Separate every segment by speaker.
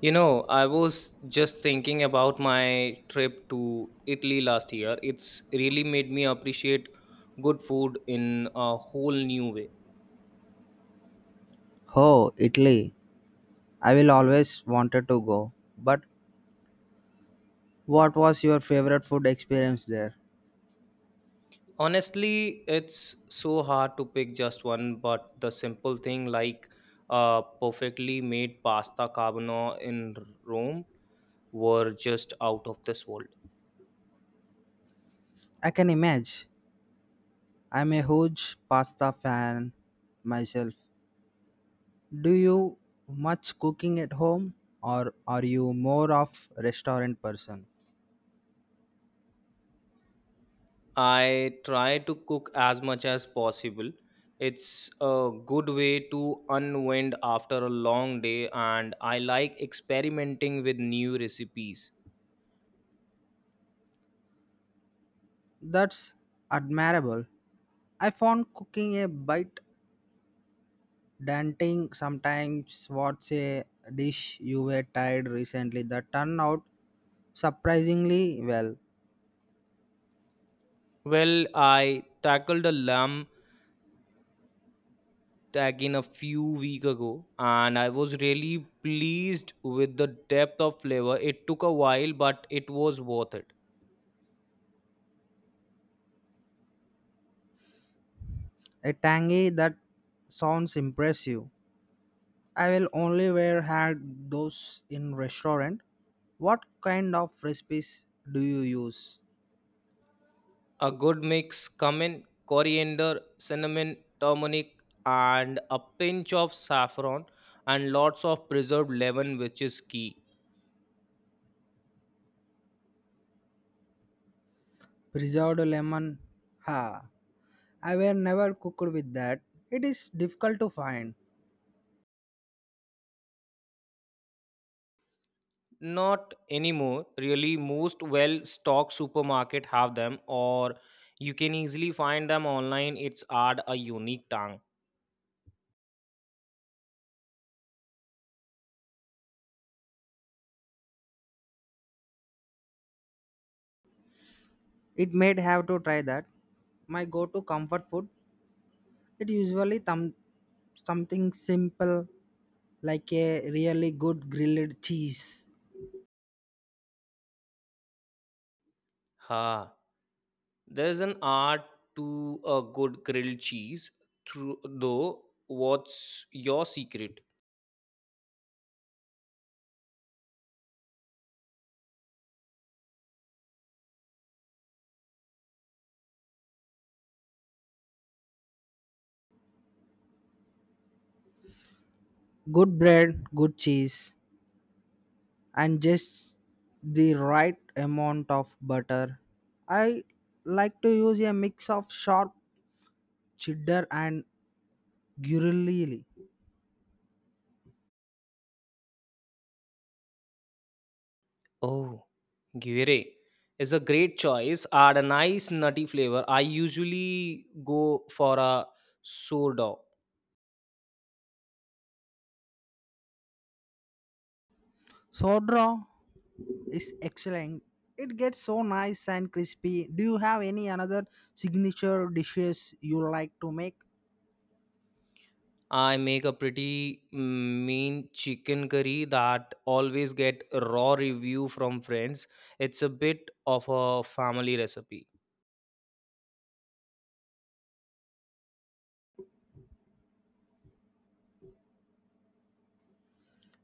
Speaker 1: You know, I was just thinking about my trip to Italy last year. It's really made me appreciate good food in a whole new way.
Speaker 2: Oh, Italy. I will always wanted to go. But what was your favorite food experience there?
Speaker 1: Honestly, it's so hard to pick just one, but the simple thing like perfectly made pasta carbonara in Rome were just out of this world.
Speaker 2: I can imagine. I'm a huge pasta fan myself. Do you much cooking at home or are you more of restaurant person?
Speaker 1: I try to cook as much as possible. It's a good way to unwind after a long day, and I like experimenting with new recipes.
Speaker 2: That's admirable. I found cooking a bit daunting sometimes. What's a dish you were tried recently that turned out surprisingly well?
Speaker 1: Well, I tackled a lamb tagine a few weeks ago, and I was really pleased with the depth of flavor. It took a while, but it was worth it.
Speaker 2: A tangy that sounds impressive. I will only wear had those in restaurant. What kind of recipes do you use?
Speaker 1: A good mix, cumin, coriander, cinnamon, turmeric, and a pinch of saffron, and lots of preserved lemon, which is key.
Speaker 2: Preserved lemon. Ha. I were never cooked with that. It is difficult to find.
Speaker 1: Not anymore, really. Most well stocked supermarket have them, or you can easily find them online. It's add a unique tang.
Speaker 2: It may have to try that. My go-to comfort food. It usually something simple like a really good grilled cheese,
Speaker 1: Ha, there's an art to a good grilled cheese, though. What's your secret?
Speaker 2: good bread, good cheese. And just the right amount of butter. I like to use a mix of sharp cheddar and gruyere.
Speaker 1: Oh, Guire is a great choice. Add a nice nutty flavor. I usually go for a sourdough.
Speaker 2: Soda is excellent. It gets so nice and crispy. Do you have any another signature dishes you like to make?
Speaker 1: I make a pretty mean chicken curry that always get raw review from friends. It's a bit of a family recipe.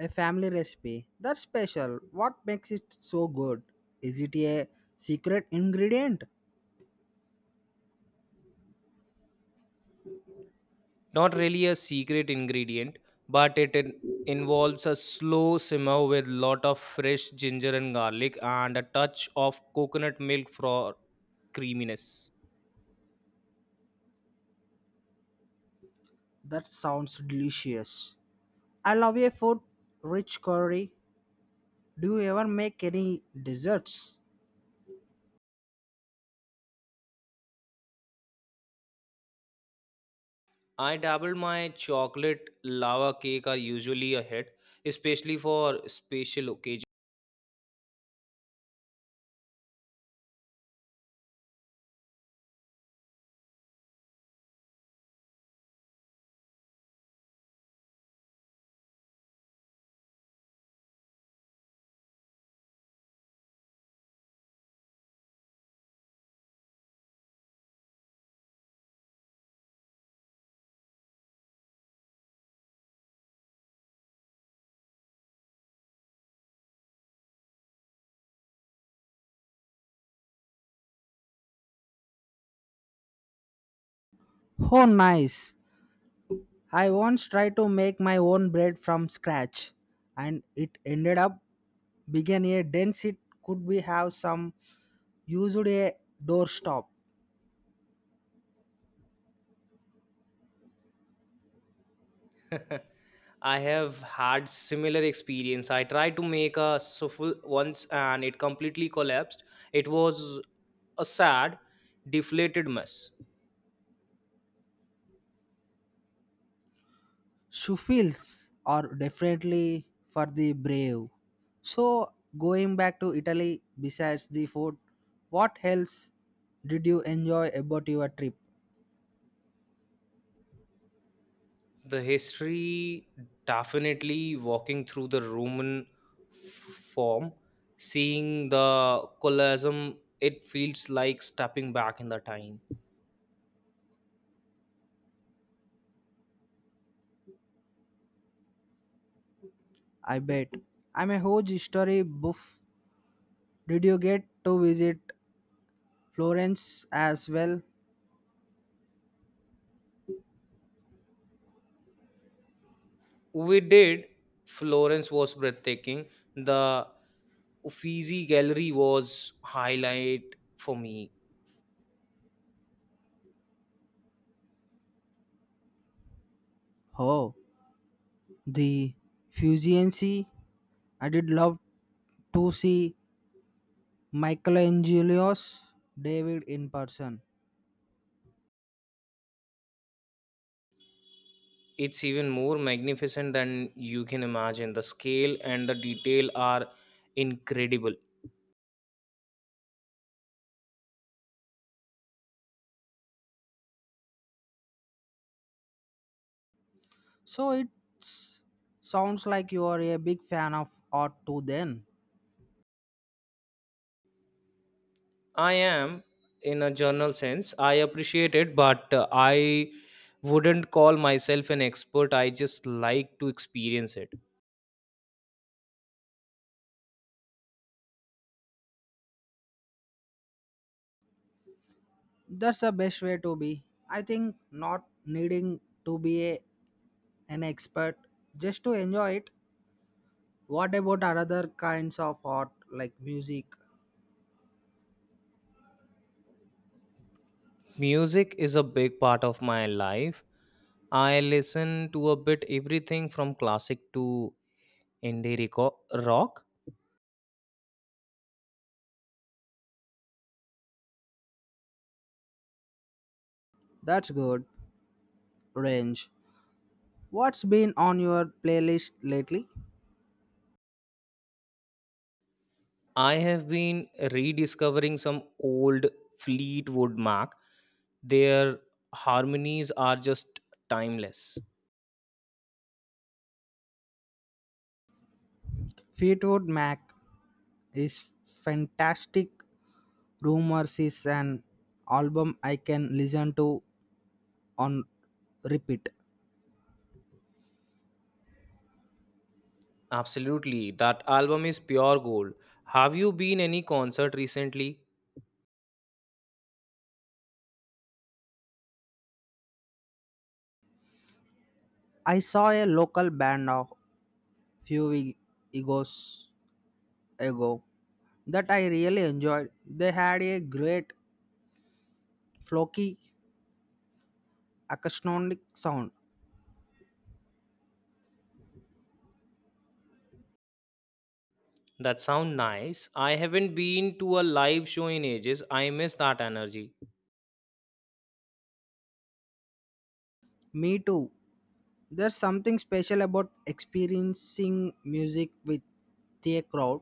Speaker 2: A family recipe. That's special. What makes it so good? Is it a secret ingredient?
Speaker 1: Not really a secret ingredient, but involves a slow simmer with lot of fresh ginger and garlic and a touch of coconut milk for creaminess.
Speaker 2: That sounds delicious. I love a food rich curry. Do you ever make any desserts?
Speaker 1: I dabbled my chocolate lava cake are usually a hit, especially for special occasions.
Speaker 2: Oh, nice. I once tried to make my own bread from scratch and it ended up being a dense it could be have some used a doorstop.
Speaker 1: I have had similar experience. I tried to make a souffle once and it completely collapsed. It was a sad, deflated mess.
Speaker 2: Shuffles are definitely for the brave. So going back to Italy besides the food, what else did you enjoy about your trip?
Speaker 1: The history definitely walking through the Roman form, seeing the colosseum, it feels like stepping back in the time.
Speaker 2: I bet. I'm a huge history buff. Did you get to visit Florence as well.
Speaker 1: We did. Florence was breathtaking. The Uffizi gallery was highlight for me.
Speaker 2: Oh, the Fusiancy. I did love to see Michelangelo's David in person.
Speaker 1: It's even more magnificent than you can imagine. The scale and the detail are incredible.
Speaker 2: So it sounds like you are a big fan of art too then.
Speaker 1: I am, in a general sense I appreciate it, but I wouldn't call myself an expert. I just like to experience it.
Speaker 2: That's the best way to be. I think not needing to be a, an expert just to enjoy it. What about other kinds of art like music?
Speaker 1: Music is a big part of my life. I listen to a bit everything from classic to indie reco- rock.
Speaker 2: That's good range. What's been on your playlist lately?
Speaker 1: I have been rediscovering some old Fleetwood Mac. Their harmonies are just timeless.
Speaker 2: Fleetwood Mac is fantastic. Rumors is an album I can listen to on repeat.
Speaker 1: Absolutely, that album is pure gold. Have you been any concert recently?
Speaker 2: I saw a local band a few we- egos ago that I really enjoyed. They had a great flocky acoustic sound.
Speaker 1: That sound nice. I haven't been to a live show in ages. I miss that energy.
Speaker 2: Me too. There's something special about experiencing music with the crowd.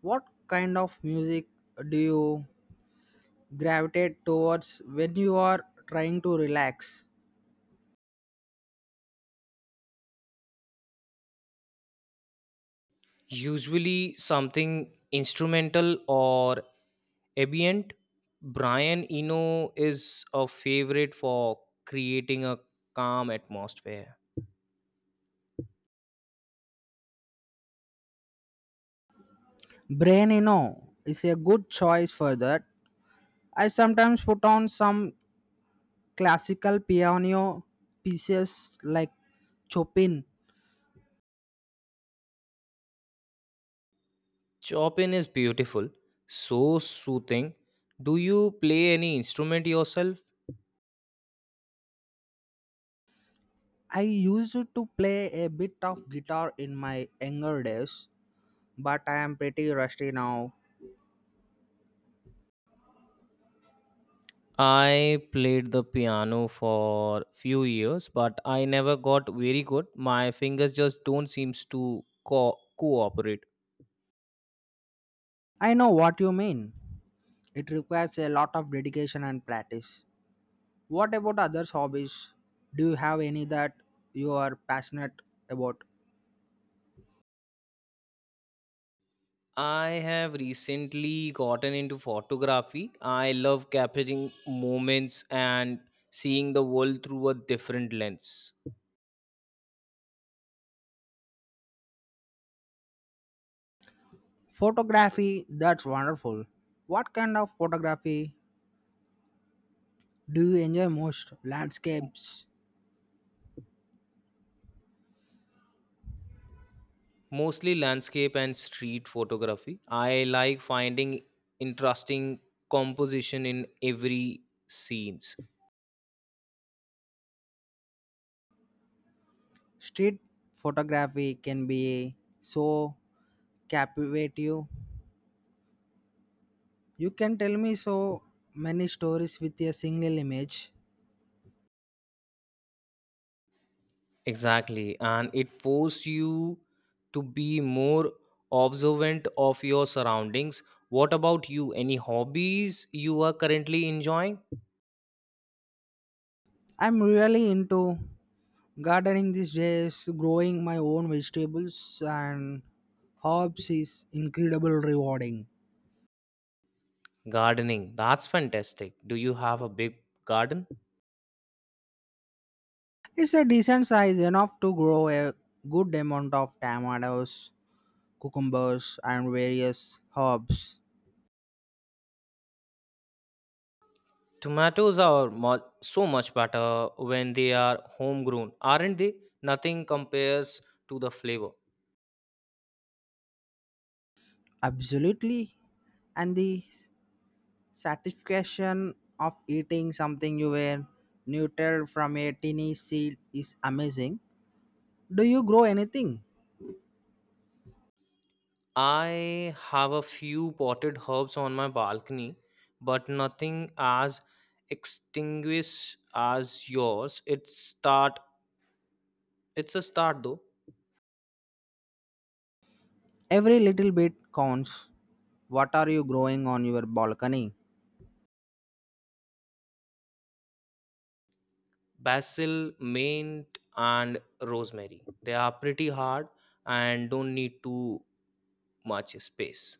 Speaker 2: What kind of music do you gravitate towards when you are trying to relax.
Speaker 1: Usually something instrumental or ambient. Brian Eno is a favorite for creating a calm atmosphere.
Speaker 2: Brainino is a good choice for that. I sometimes put on some classical piano pieces like Chopin.
Speaker 1: Chopin is beautiful, so soothing. Do you play any instrument yourself?
Speaker 2: I used to play a bit of guitar in my younger days, but I am pretty rusty now.
Speaker 1: I played the piano for few years, but I never got very good. My fingers just don't seems to cooperate.
Speaker 2: I know what you mean. It requires a lot of dedication and practice. What about others' hobbies? Do you have any that you are passionate about?
Speaker 1: I have recently gotten into photography. I love capturing moments and seeing the world through a different lens,
Speaker 2: Photography, that's wonderful. What kind of photography do you enjoy most? Landscapes,
Speaker 1: mostly landscape and street photography. I like finding interesting composition in every scenes.
Speaker 2: street photography can be so captivating. You can tell me so many stories with a single image.
Speaker 1: Exactly, and it forces you to be more observant of your surroundings. What about you? Any hobbies you are currently enjoying?
Speaker 2: I'm really into gardening these days, growing my own vegetables and herbs is incredible rewarding.
Speaker 1: Gardening, that's fantastic. Do you have a big garden?
Speaker 2: It's a decent size enough to grow a good amount of tomatoes cucumbers, and various herbs.
Speaker 1: Tomatoes are mu so much better when they are homegrown, aren't they? Nothing compares to the flavor.
Speaker 2: Absolutely. And the satisfaction of eating something you were nurtured from a tiny seed is amazing. Do you grow anything?
Speaker 1: I have a few potted herbs on my balcony, but nothing as extinguished as yours. It's start. It's a start though.
Speaker 2: Every little bit counts. What are you growing on your balcony?
Speaker 1: Basil, mint, and rosemary. They are pretty hard and don't need too much space.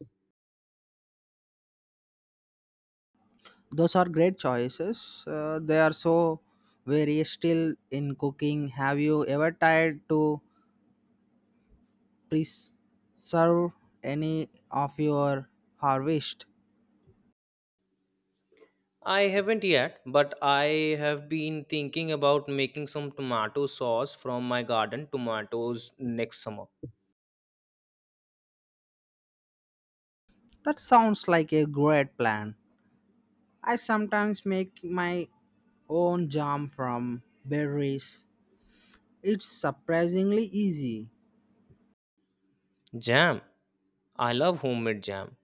Speaker 2: Those are great choices. They are so various still in cooking. Have you ever tried to preserve any of your harvest?
Speaker 1: I haven't yet, but I have been thinking about making some tomato sauce from my garden tomatoes next summer.
Speaker 2: That sounds like a great plan. I sometimes make my own jam from berries. It's surprisingly easy.
Speaker 1: Jam. I love homemade jam.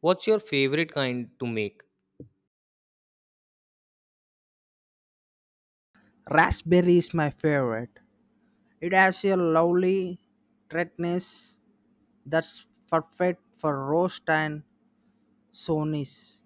Speaker 1: What's your favorite kind to make?
Speaker 2: Raspberry is my favorite. It has a lovely tartness that's perfect for roast and sonis.